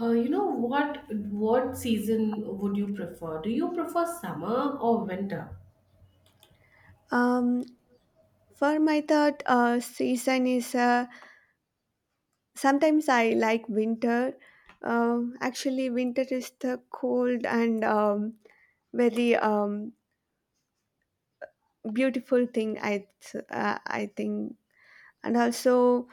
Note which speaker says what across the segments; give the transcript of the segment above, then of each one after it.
Speaker 1: You know what season would you prefer? Do you prefer summer or winter?
Speaker 2: Um, for my third season is sometimes I like winter. Actually, winter is the cold and very beautiful thing. I think, and also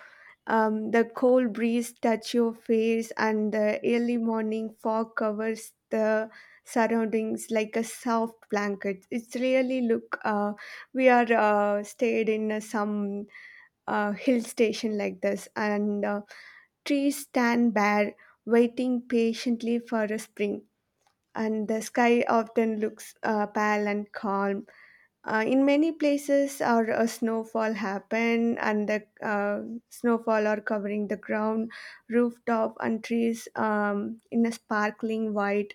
Speaker 2: the cold breeze touch your face, and the early morning fog covers the surroundings like a soft blanket. It's really look. We are stayed in some a hill station like this, and trees stand bare, waiting patiently for a spring. And the sky often looks pale and calm. In many places, our a snowfall happen, and the snowfall are covering the ground, rooftop, and trees in a sparkling white.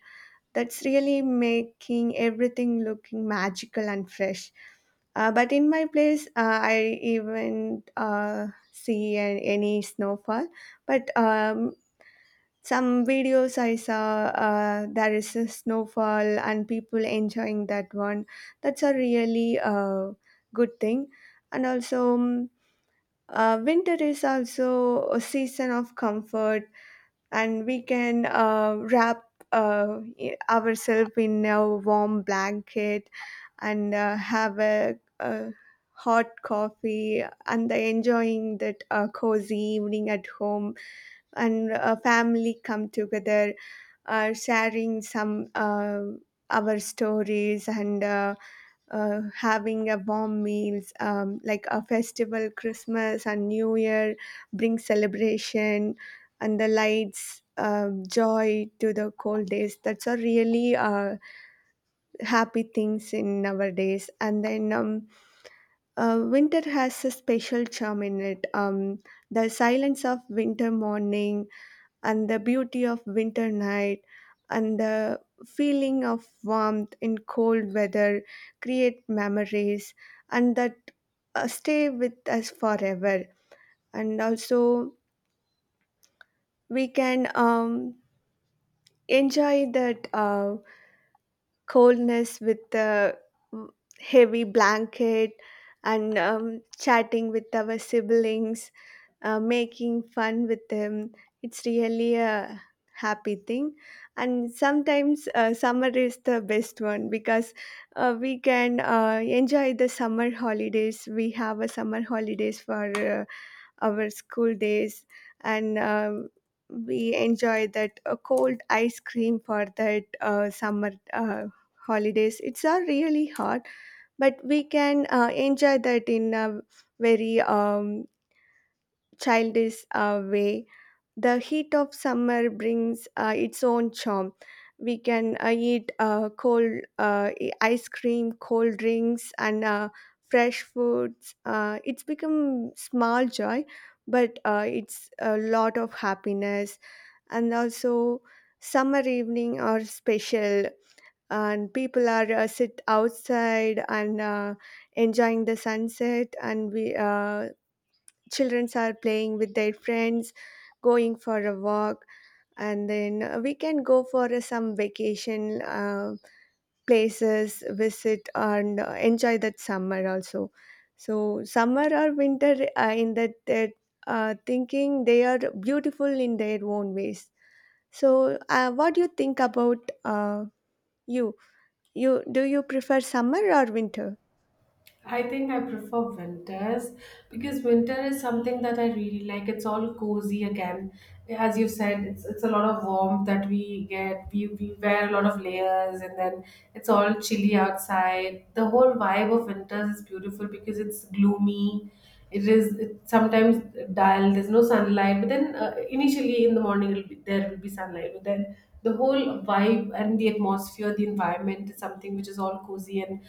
Speaker 2: That's really making everything looking magical and fresh but in my place, I even see any snowfall. But some videos I saw, there is a snowfall and people enjoying that one. That's a really good thing. And also, winter is also a season of comfort and we can wrap ourselves in a warm blanket and have a hot coffee and enjoying that cozy evening at home and a family come together sharing some our stories and having a warm meals like a festival Christmas and New Year brings celebration and the lights joy to the cold days. That's a really happy things in nowadays. And then Winter has a special charm in it. The silence of winter morning and the beauty of winter night and the feeling of warmth in cold weather create memories and that stay with us forever. And also we can enjoy that coldness with a heavy blanket and chatting with our siblings, making fun with them. It's really a happy thing. And sometimes summer is the best one because we can enjoy the summer holidays. We have a summer holidays for our school days. And we enjoy that cold ice cream for that summer holidays. It's really hot, but we can enjoy that in a very childish way. The heat of summer brings its own charm. We can eat cold ice cream, cold drinks, and fresh foods. It's become small joy, but it's a lot of happiness. And also, summer evening are special, and people are sit outside and enjoying the sunset, and we children are playing with their friends, going for a walk. And then We can go for some vacation places visit and enjoy that summer also. So summer or winter, thinking, they are beautiful in their own ways. So what do you think about you you do you prefer summer or winter?
Speaker 1: I think I prefer winters because winter is something that I really like. It's all cozy again. As you said, it's a lot of warmth that we get. We wear a lot of layers, and then it's all chilly outside. The whole vibe of winters is beautiful because it's gloomy. It's sometimes dull. There's no sunlight. But then, initially in the morning there will be sunlight. But then the whole vibe and the atmosphere, the environment is something which is all cozy. And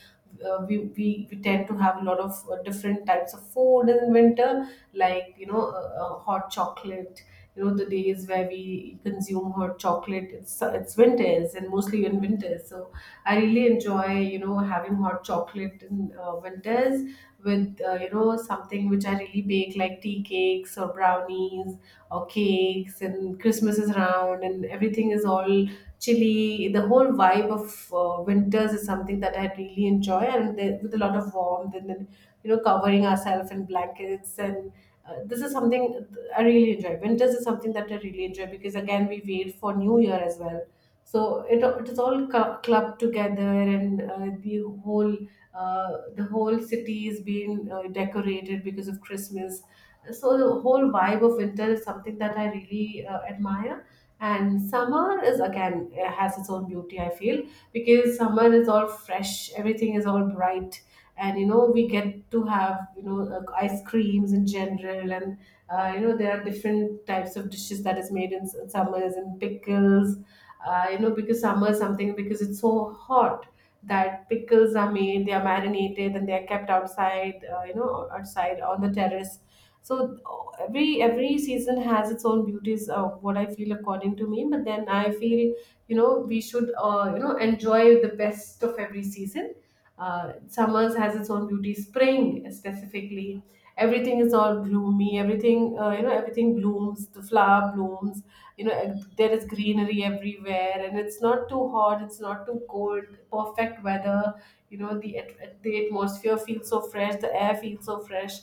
Speaker 1: we, we tend to have a lot of different types of food in winter, like, you know, hot chocolate. You know, the days where we consume hot chocolate, it's winters, and mostly in winters. So I really enjoy, you know, having hot chocolate in winters with, you know, something which I really bake, like tea cakes or brownies or cakes. And Christmas is around and everything is all chilly. The whole vibe of winters is something that I really enjoy, and with a lot of warmth, and then, you know, covering ourselves in blankets. And this is something I really enjoy. Winters is something that I really enjoy, because again we wait for new year as well. So it is all clubbed together. And uh, the whole city is being decorated because of Christmas. So the whole vibe of winter is something that I really admire. And summer is again, has its own beauty, I feel, because summer is all fresh, everything is all bright. And you know, we get to have, you know, ice creams in general. And you know, there are different types of dishes that is made in summers, and pickles. You know, because summer is something, because it's so hot that pickles are made, they are marinated, and they are kept outside, you know, outside on the terrace. So every season has its own beauties, what I feel according to me. But then I feel, you know, we should, you know, enjoy the best of every season. Uh, summers has its own beauty. Spring specifically, everything is all gloomy, everything, you know, everything blooms, the flower blooms, you know. Uh, there is greenery everywhere, and it's not too hot, it's not too cold, perfect weather. You know, the atmosphere feels so fresh, the air feels so fresh.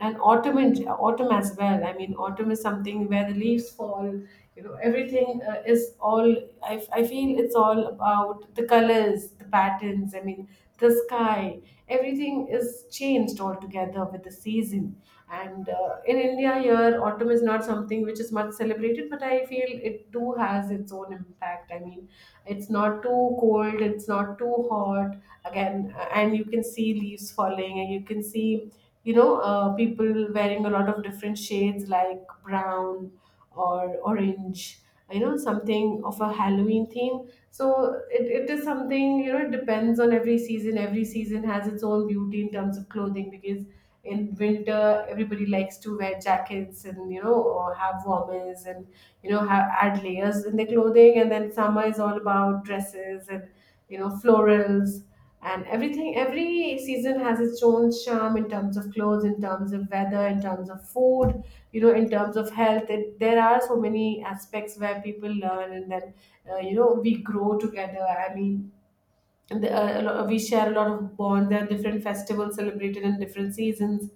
Speaker 1: And autumn as well, I mean, autumn is something where the leaves fall, you know, everything, is all, I feel it's all about the colors, the patterns, I mean, the sky, July. Everything is changed altogether with the season. And in India, here autumn is not something which is much celebrated, but I feel it too has its own impact. I mean, it's not too cold, it's not too hot. Again, and you can see leaves falling, and you can see, you know, people wearing a lot of different shades, like brown or orange, you know, something of a Halloween theme. So it is something, you know, it depends on every season. Every season has its own beauty in terms of clothing, because in winter everybody likes to wear jackets, and you know, or have warmers, and you know, have add layers in their clothing. And then summer is all about dresses, and you know, florals and everything. Every season has its own charm in terms of clothes, in terms of weather, in terms of food, you know, in terms of health. There are so many aspects where people learn, and then, you know, we grow together, I mean. And we share a lot of bond. There are different festivals celebrated in different seasons.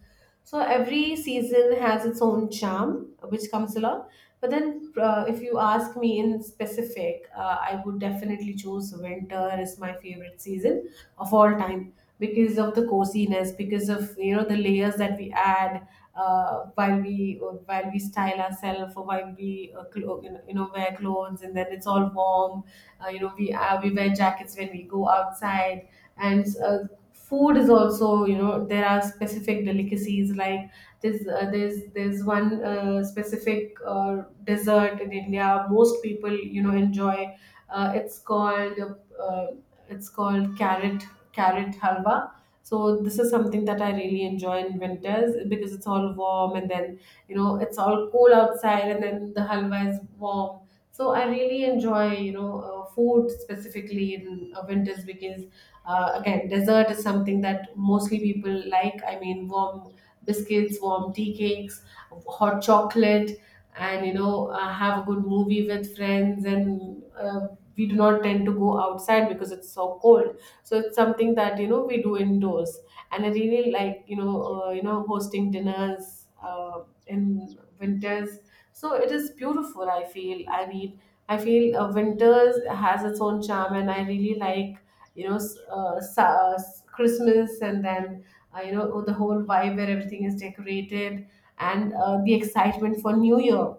Speaker 1: So every season has its own charm, which comes along. But then, if you ask me in specific, I would definitely choose winter as my favorite season of all time, because of the coziness, because of, you know, the layers that we add while we, while we style ourselves, or while we, you know, wear clothes, and then it's all warm. Uh, you know, we wear jackets when we go outside. And food is also, you know, there are specific delicacies, like there's one specific dessert in India most people, you know, enjoy. It's called, uh, it's called carrot halwa. So this is something that I really enjoy in winters, because it's all warm, and then, you know, it's all cool outside, and then the halwa is warm. So I really enjoy, you know, food specifically in winters, because again, dessert is something that mostly people like. I mean, warm biscuits, warm tea cakes, hot chocolate, and, you know, have a good movie with friends. And we do not tend to go outside because it's so cold. So it's something that, you know, we do indoors. And I really like, you know, hosting dinners in winters. So it is beautiful, I feel, I mean, I feel winters has its own charm, and I really like, you know, Christmas, and then, you know, oh, the whole vibe where everything is decorated, and the excitement for new year.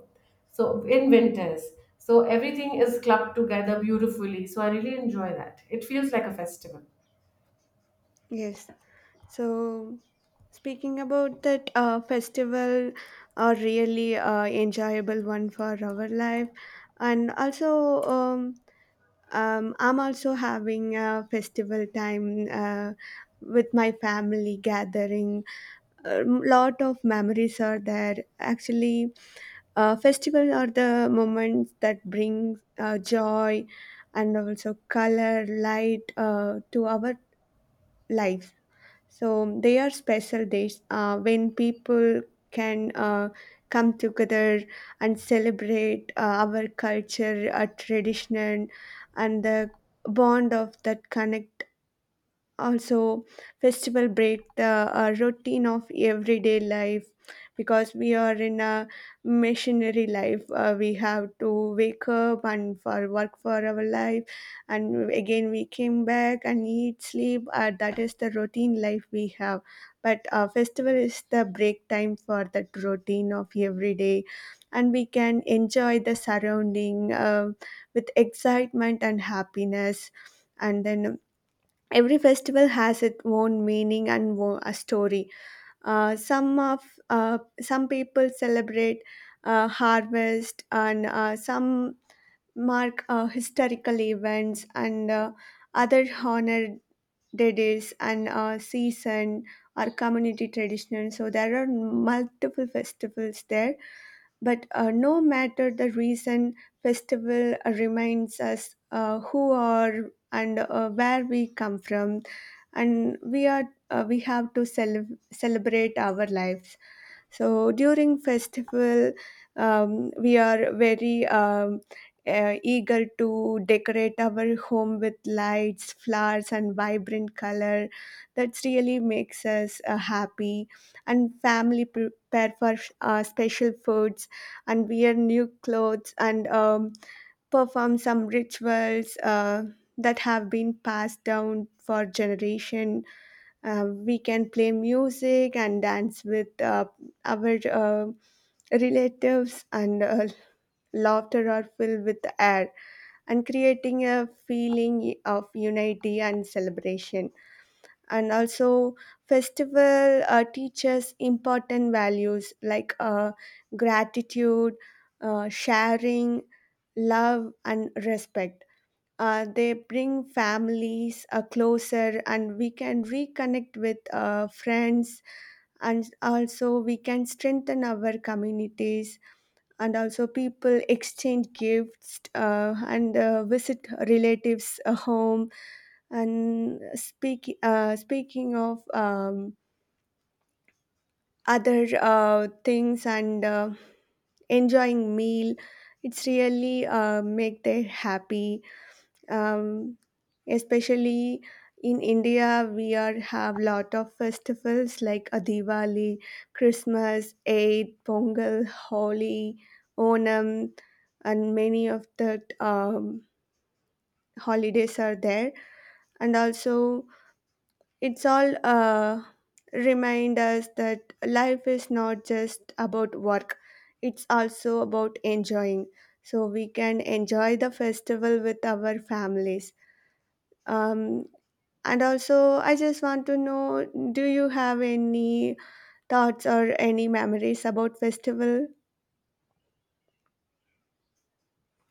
Speaker 1: So in winters, so everything is clubbed together beautifully, so I really enjoy that. It feels like a festival.
Speaker 2: Yes. So, speaking about that festival, a really enjoyable one for our life, and also I'm also having a festival time with my family gathering. A lot of memories are there. Actually, festivals are the moments that bring joy and also color, light to our lives. So they are special days when people can come together and celebrate our culture, our tradition, and the bond of that connect. Also, festival break the routine of everyday life, because we are in a missionary life. We have to wake up and for work for our life, and again we came back and eat sleep. That is the routine life we have, but festival is the break time for that routine of every day, and we can enjoy the surrounding with excitement and happiness. And then every festival has its own meaning and a story. Uh, some of some people celebrate harvest, and some mark historical events, and other honor days and season or community tradition. So there are multiple festivals there, but no matter the reason, festival reminds us who are and where we come from, and we have to celebrate our lives. So during festival, we are very eager to decorate our home with lights, flowers, and vibrant color. That really makes us happy. And family prepare for special foods and wear new clothes and perform some rituals that have been passed down for generation. We can play music and dance with our relatives, and laughter are filled with air and creating a feeling of unity and celebration. And also, festival teaches important values like gratitude, sharing, love, and respect. They bring families closer, and we can reconnect with friends, and also we can strengthen our communities. And also people exchange gifts and visit relatives home and speak, speaking of other things and enjoying meal. It's really make they happy. um, Especially in India, we are have lot of festivals like a Diwali, Christmas, Eid, Pongal, Holi, Onam, and many of the holidays are there. And also, it's all remind us that life is not just about work; it's also about enjoying. So we can enjoy the festival with our families. Um, And also, I just want to know, do you have any thoughts or any memories about festival?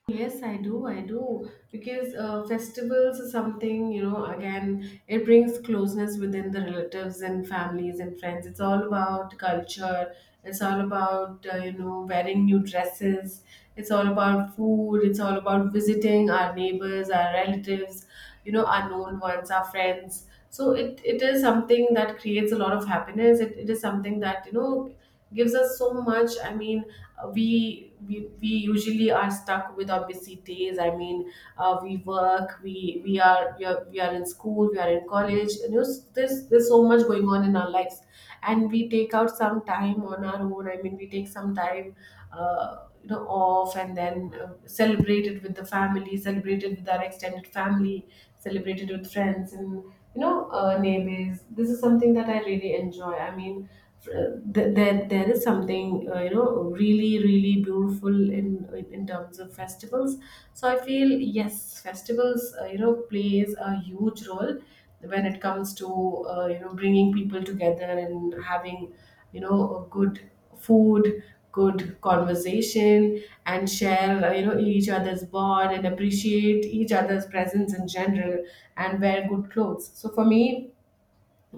Speaker 1: Yes, I do. I do, because festivals is something, you know. Again, it brings closeness within the relatives and families and friends. It's all about culture. It's all about, you know, wearing new dresses. It's all about food. It's all about visiting our neighbors, our relatives, you know, our known ones, our friends. So it is something that creates a lot of happiness. It it is something that, you know, gives us so much, I mean. We usually are stuck with our busy days, I mean. We work we are, we are we are in school, we are in college, and you know, there's so much going on in our lives. And we take out some time on our own, I mean, we take some time you know, off, and then celebrate it with the family, celebrate it with our extended family, celebrated with friends, and, you know, neighbors. This is something that I really enjoy. I mean, there, there is something, you know, really beautiful in in terms of festivals. So I feel, yes, festivals, you know, plays a huge role when it comes to, you know, bringing people together, and having, you know, a good food, good conversation, and share, you know, each other's bond, and appreciate each other's presence in general, and wear good clothes. So for me,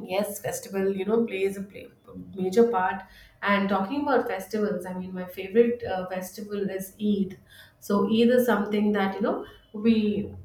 Speaker 1: yes, festival, you know, major part. And talking about festivals, I mean, my favorite festival is Eid. So Eid is something that, you know, we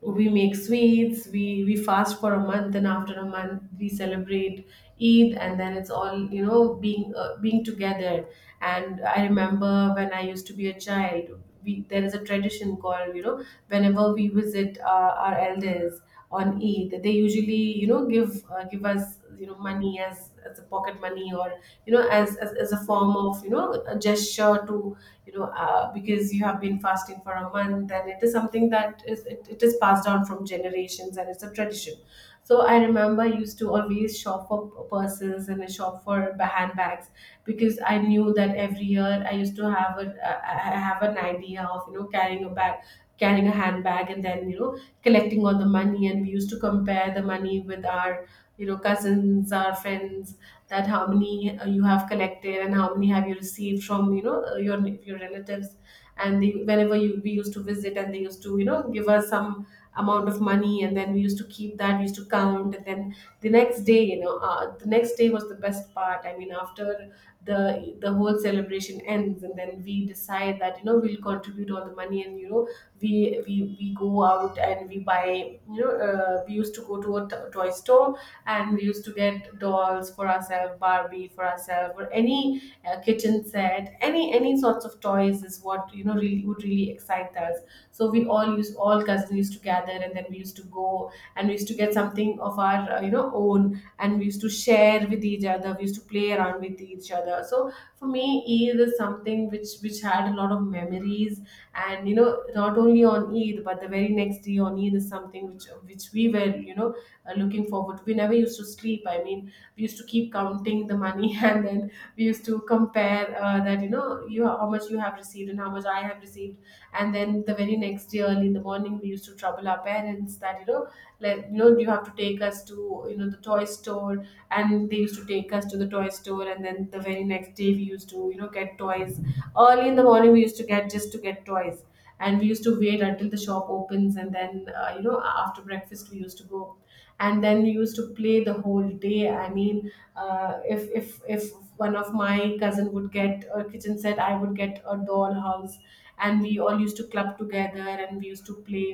Speaker 1: we make sweets, we fast for a month, and after a month we celebrate Eid. And then it's all, you know, being together. And I remember when I used to be a child, there is a tradition called, you know, whenever we visit our elders on Eid, they usually, you know, give us, as you know, money, as a pocket money, or you know, as, as a form of, you know, a gesture to, you know, because you have been fasting for a month, and it is something that is, it is passed down from generations, and it's a tradition. So I remember, I used to always shop for purses, and I shop for handbags, because I knew that every year I used to have a, I have an idea of, you know, carrying a bag, carrying a handbag. And then, you know, collecting all the money, and we used to compare the money with our, you know, cousins or friends, that how many, you have collected, and how many have you received from, you know, your relatives. And whenever you we used to visit, and they used to, you know, give us some amount of money, and then we used to keep that, we used to count. And then the next day, you know, the next day was the best part, I mean, after the whole celebration ends, and then we decide that, you know, we'll contribute all the money, and you know, we, we go out, and we buy, you know, we used to go to a toy store, and we used to get dolls for ourselves, Barbie for ourselves, or any kitchen set, any sorts of toys is what you know really would really excite us. So we all cousins used to gather, and then we used to go and we used to get something of our own, and we used to share with each other. We used to play around with each other. So for me, Eid is something which had a lot of memories, and you know not only on Eid but the very next day on Eid is something which we were looking forward. We never used to sleep. I mean, we used to keep counting the money, and then we used to compare that you know you how much you have received and how much I have received. And then the very next day, early in the morning, we used to trouble our parents that you know, like you know, you have to take us to you know the toy store, and they used to take us to the toy store, and then the very next day we used to you know get toys. Early in the morning, we used to get just to get toys, and we used to wait until the shop opens, and then you know after breakfast we used to go, and then we used to play the whole day. I mean if one of my cousin would get a kitchen set, I would get a dollhouse, and we all used to club together, and we used to play.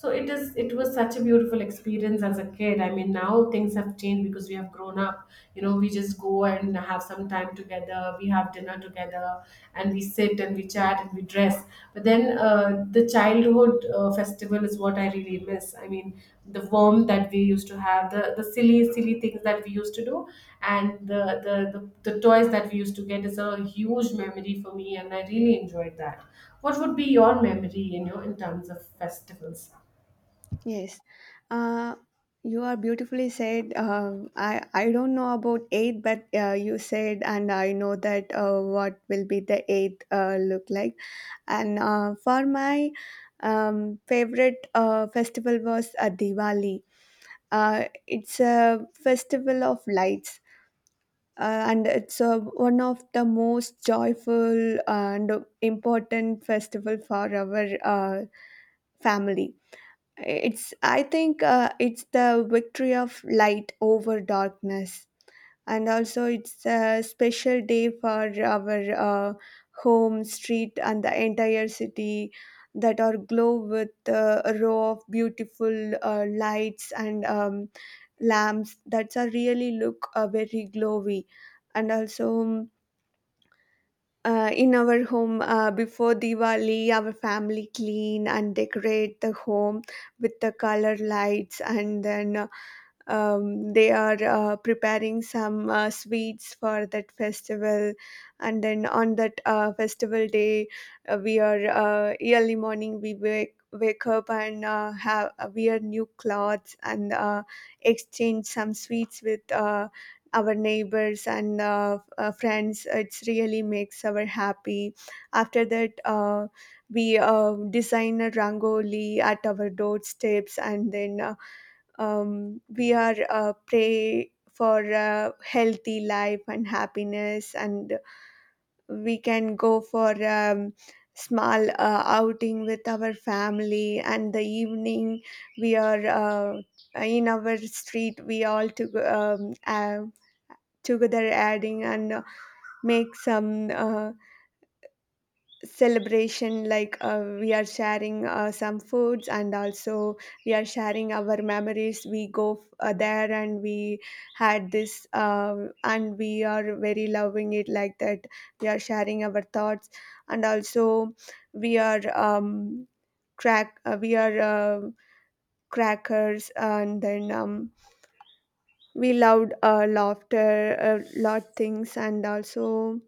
Speaker 1: It was such a beautiful experience as a kid. I mean now things have changed because we have grown up. You know, we just go and have some time together, we have dinner together, and we sit and we chat and we dress. But then the childhood festival is what I really miss. I mean the warmth that we used to have, the silly silly things that we used to do, and the toys that we used to get is a huge memory for me, and I really enjoyed that. What would be your memory you know in terms of festivals?
Speaker 2: Yes. Uh, you are beautifully said. I don't know about eight, but you said, and I know that what will be the eighth look like. And for my favorite festival was Diwali. It's a festival of lights and it's one of the most joyful and important festival for our uh, family. It's I think it's the victory of light over darkness. And also it's a special day for our home, street, and the entire city that are glow with a row of beautiful lights and lamps that are really look very glowy. And also in our home, before Diwali, our family clean and decorate the home with the color lights, and then they are preparing some sweets for that festival. And then on that festival day, we are, early morning we wake up and have wear new clothes and exchange some sweets with our neighbors and friends. It's really makes our happy. After that, we design a rangoli at our doorsteps, and then we are pray for a healthy life and happiness. And we can go for small outing with our family. And the evening we are in our street, we all to, um, uh, together adding and make some celebration like we are sharing some foods. And also we are sharing our memories, we there, and we had this and we are very loving it like that. We are sharing our thoughts. And also we are crack we are crackers. And then we loved laughter a lot things. And also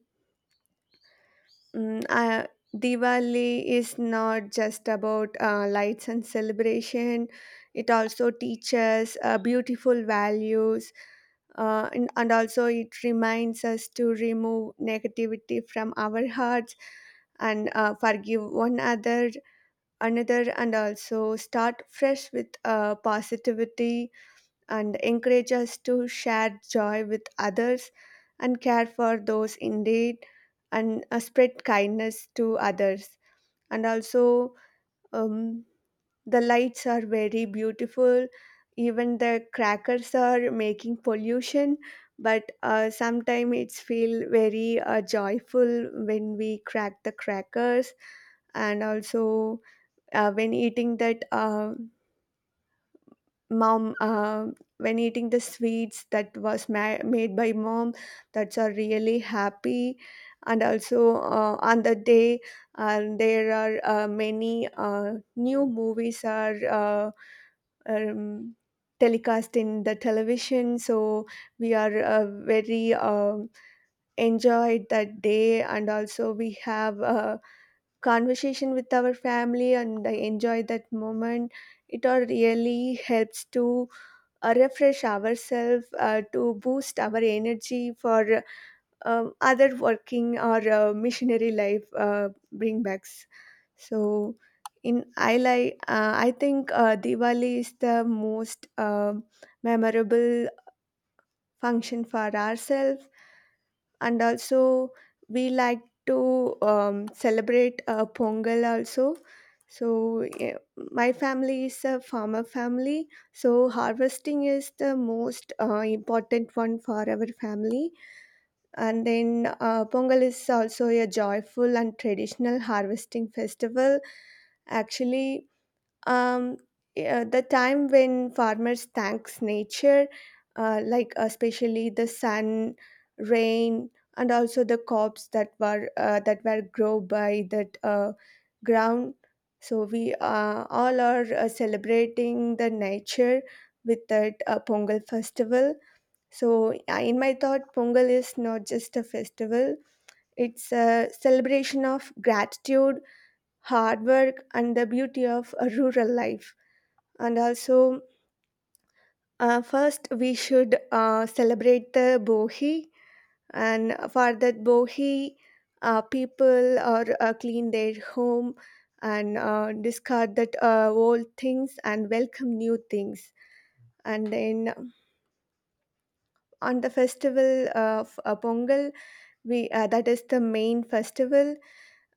Speaker 2: Mm, uh, Diwali is not just about lights and celebration. It also teaches beautiful values, and and also it reminds us to remove negativity from our hearts and forgive one other another, and also start fresh with positivity and encourage us to share joy with others and care for those in need and spread kindness to others. And also, um, the lights are very beautiful. Even the crackers are making pollution, but sometimes it's feel very joyful when we crack the crackers. And also when eating that. Mom, when eating the sweets that was made by mom, that's are really happy. And also on the day there are many new movies are um, telecast in the television, so we are very enjoyed that day, and also we have a conversation with our family and enjoy that moment. It all really helps to refresh ourselves, to boost our energy for other working or missionary life bring backs. So in I like I think Diwali is the most memorable function for ourselves. And also we like to celebrate Pongal also. So my family is a farmer family, so harvesting is the most important one for our family. And then Pongal is also a joyful and traditional harvesting festival. Actually, um, yeah, the time when farmers thanks nature, like especially the sun, rain, and also the crops that were grow by that ground. So we all are celebrating the nature with that Pongal festival. So in my thought, Pongal is not just a festival, it's a celebration of gratitude, hard work, and the beauty of a rural life. And also, first we should celebrate the Bohi, and for that Bohi, people or clean their home and discard that old things and welcome new things. And then on the festival of Pongal, we that is the main festival.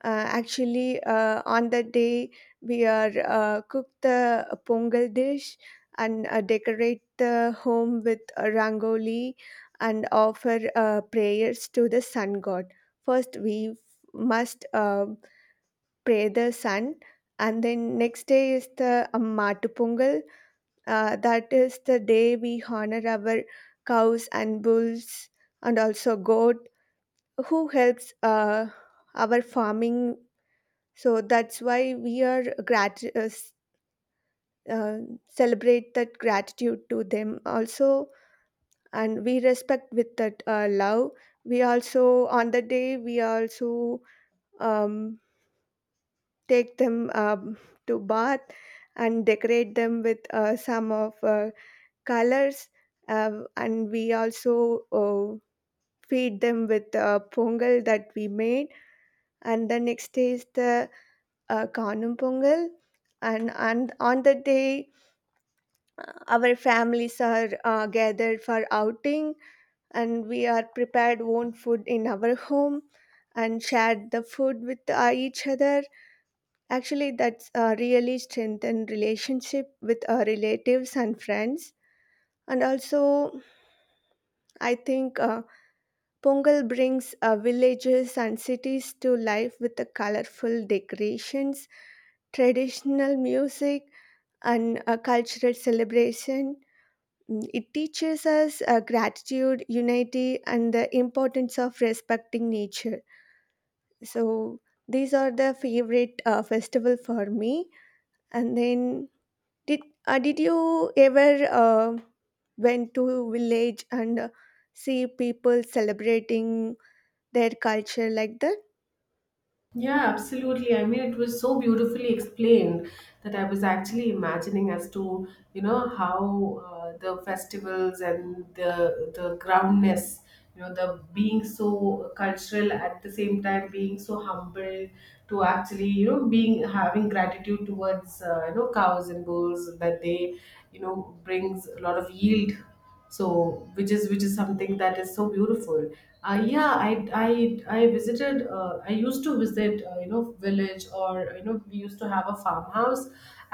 Speaker 2: Actually, on that day we are cook the Pongal dish and decorate the home with a rangoli and offer prayers to the sun god. First we must pray the sun. And then next day is the Mattu Pongal. That is the day we honor our cows and bulls, and also goat, who helps our farming. So that's why we uh, celebrate that gratitude to them also, and we respect with that love. We also on the day we also um, take them to bath and decorate them with some of colors, and we also feed them with pongal that we made. And the next day is the Kanum Pongal. And on that day, our families are gathered for outing, and we are prepared own food in our home and shared the food with each other. Actually, that's really strengthened relationship with our relatives and friends. And also, I think Pongal brings villages and cities to life with the colorful decorations, traditional music, and a cultural celebration. Mm, it teaches us gratitude, unity, and the importance of respecting nature. So these are the favorite festival for me. And then, did did you ever went to village and see people celebrating their culture like that?
Speaker 1: Yeah, absolutely. I mean, it was so beautifully explained that I was actually imagining as to, you know, how the festivals and the groundness, you know, the being so cultural at the same time being so humble to actually, you know, being having gratitude towards, you know, cows and bulls that they, you know, brings a lot of yield, so which is something that is so beautiful. Yeah, I visited I used to visit, you know, village, or you know we used to have a farmhouse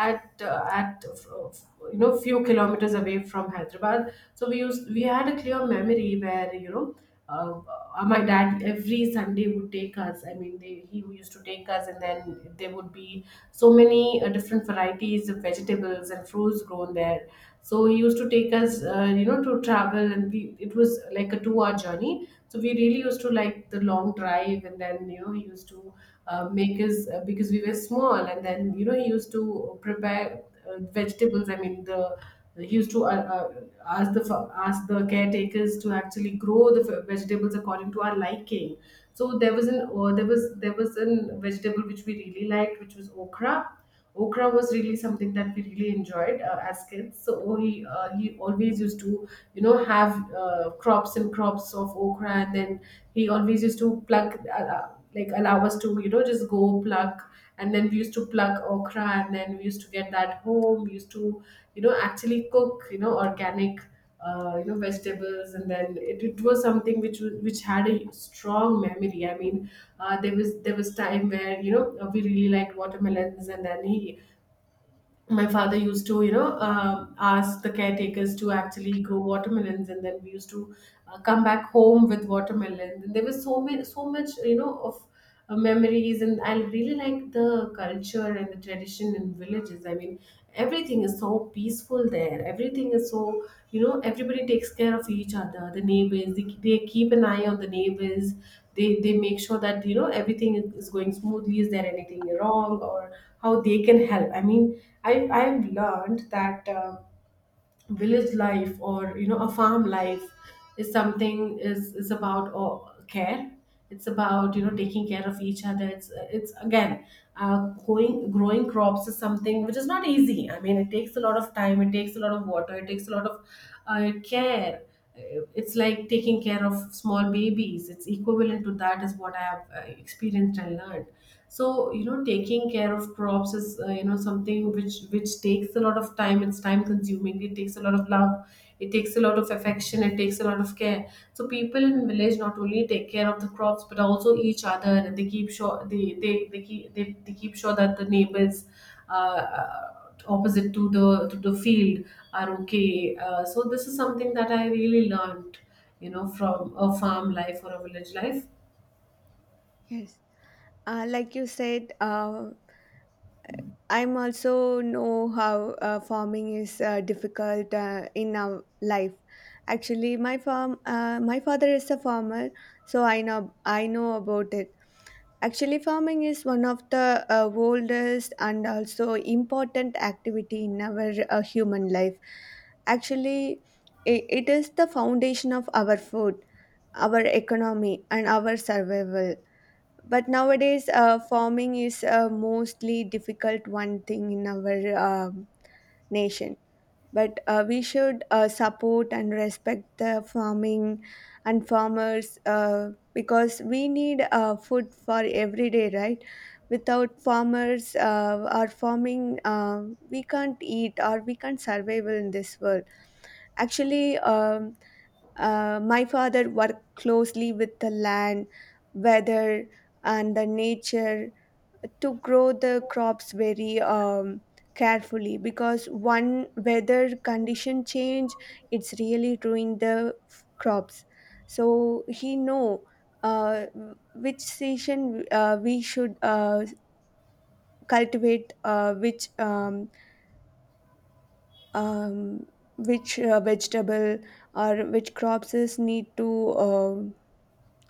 Speaker 1: at you know few kilometers away from Hyderabad. So we used we had a clear memory where you know. Uh, my dad every Sunday would take us. I mean, they, he used to take us, and then there would be so many different varieties of vegetables and fruits grown there. So he used to take us, you know, to travel, and we, it was like a two-hour journey. So we really used to like the long drive, and then you know he used to make his because we were small, and then you know he used to prepare vegetables. I mean the he used to ask the ask the caretakers to actually grow the vegetables according to our liking. So there was an there was an vegetable which we really liked, which was okra. Okra was really something that we really enjoyed as kids. So oh, he always used to you know have crops and crops of okra, and then he always used to pluck like allow us to you know just go pluck, and then we used to pluck okra, and then we used to get that home. We used to you know actually cook you know organic you know vegetables, and then it was something which was which had a strong memory. I mean there was time where you know we really liked watermelons, and then he my father used to you know ask the caretakers to actually grow watermelons, and then we used to come back home with watermelons, and there was so many so much you know of memories, and I really like the culture and the tradition in villages. I mean everything is so peaceful there. Everything is so, you know, everybody takes care of each other. The neighbors, they keep an eye on the neighbors. They make sure that, you know, everything is going smoothly. Is there anything wrong or how they can help? I mean, I've learned that. Village life or you know a farm life is something is about or care. It's about you know taking care of each other. It's again going growing crops is something which is not easy. I mean it takes a lot of time, it takes a lot of water, it takes a lot of care. It's like taking care of small babies. It's equivalent to that is what I have experienced and learned. So you know taking care of crops is you know something which takes a lot of time. It's time consuming, it takes a lot of love, it takes a lot of affection, it takes a lot of care. So people in village not only take care of the crops but also each other, and they keep sure they keep sure that the neighbors opposite to the field are okay. So this is something that I really learned, you know, from a farm life or a village life.
Speaker 2: Yes. Like you said, I'm also know how farming is difficult in our life. Actually, my farm, my father is a farmer, so I know, I know about it. Actually, farming is one of the oldest and also important activity in our human life. Actually, I it is the foundation of our food, our economy, and our survival. But nowadays farming is a mostly difficult one thing in our nation. But we should support and respect the farming and farmers, because we need food for every day, right? Without farmers or farming, we can't eat or we can't survive in this world. Actually, my father worked closely with the land, weather, and the nature to grow the crops very carefully, because one weather condition change, it's really ruin the crops. So he know uh, which season we should cultivate, um, which vegetable or which crops is need to um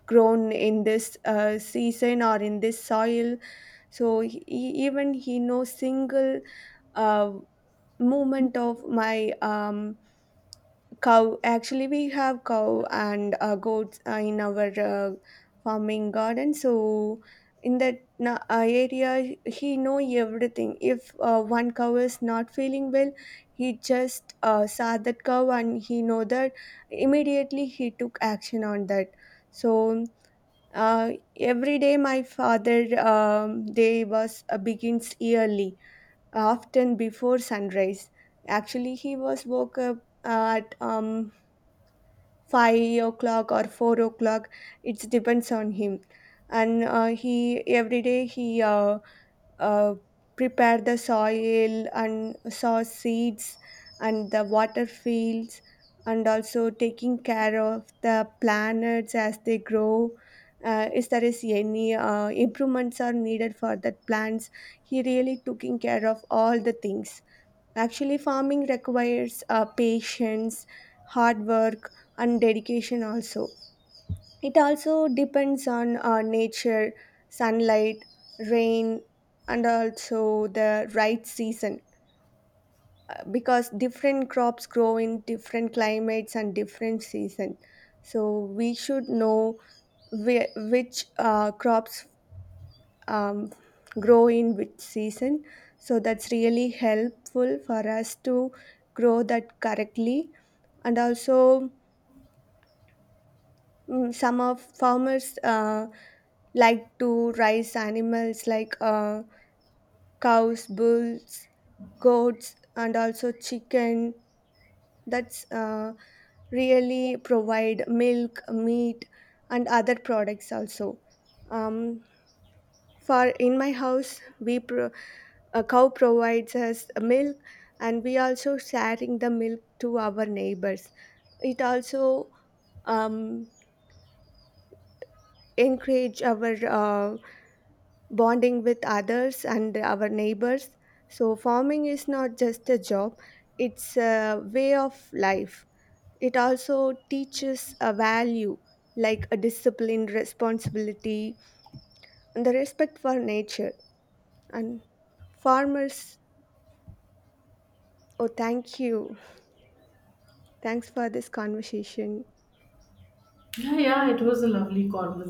Speaker 2: grown in this season or in this soil. So he, even he knows single uh, movement of my cow. Actually we have cow and goats in our farming garden. So in that area he know everything. If one cow is not feeling well, he just saw that cow and he know that, immediately he took action on that. So uh, every day my father day was begins early, often before sunrise. Actually, he was woke up at 5 o'clock or 4 o'clock. It depends on him, and he every day he uh, prepare the soil and sow seeds and the water fields, and also taking care of the planets as they grow. Is there is any improvements are needed for that plants, he really taking care of all the things. Actually farming requires patience, hard work, and dedication also. It also depends on nature, sunlight, rain, and also the right season, because different crops grow in different climates and different season. So we should know which crops um, grow in which season. So that's really helpful for us to grow that correctly. And also, mm, some of farmers like to raise animals like cows, bulls, goats, and also chicken. That's really provide milk, meat, and other products also. Um, for in my house, a cow provides us milk, and we also sharing the milk to our neighbors. It also um, encourage our bonding with others and our neighbors. So, farming is not just a job, it's a way of life. It also teaches a value like a discipline, responsibility, and the respect for nature. And farmers, oh, thank you. Thanks for this conversation.
Speaker 1: Yeah, yeah, it was a lovely conversation.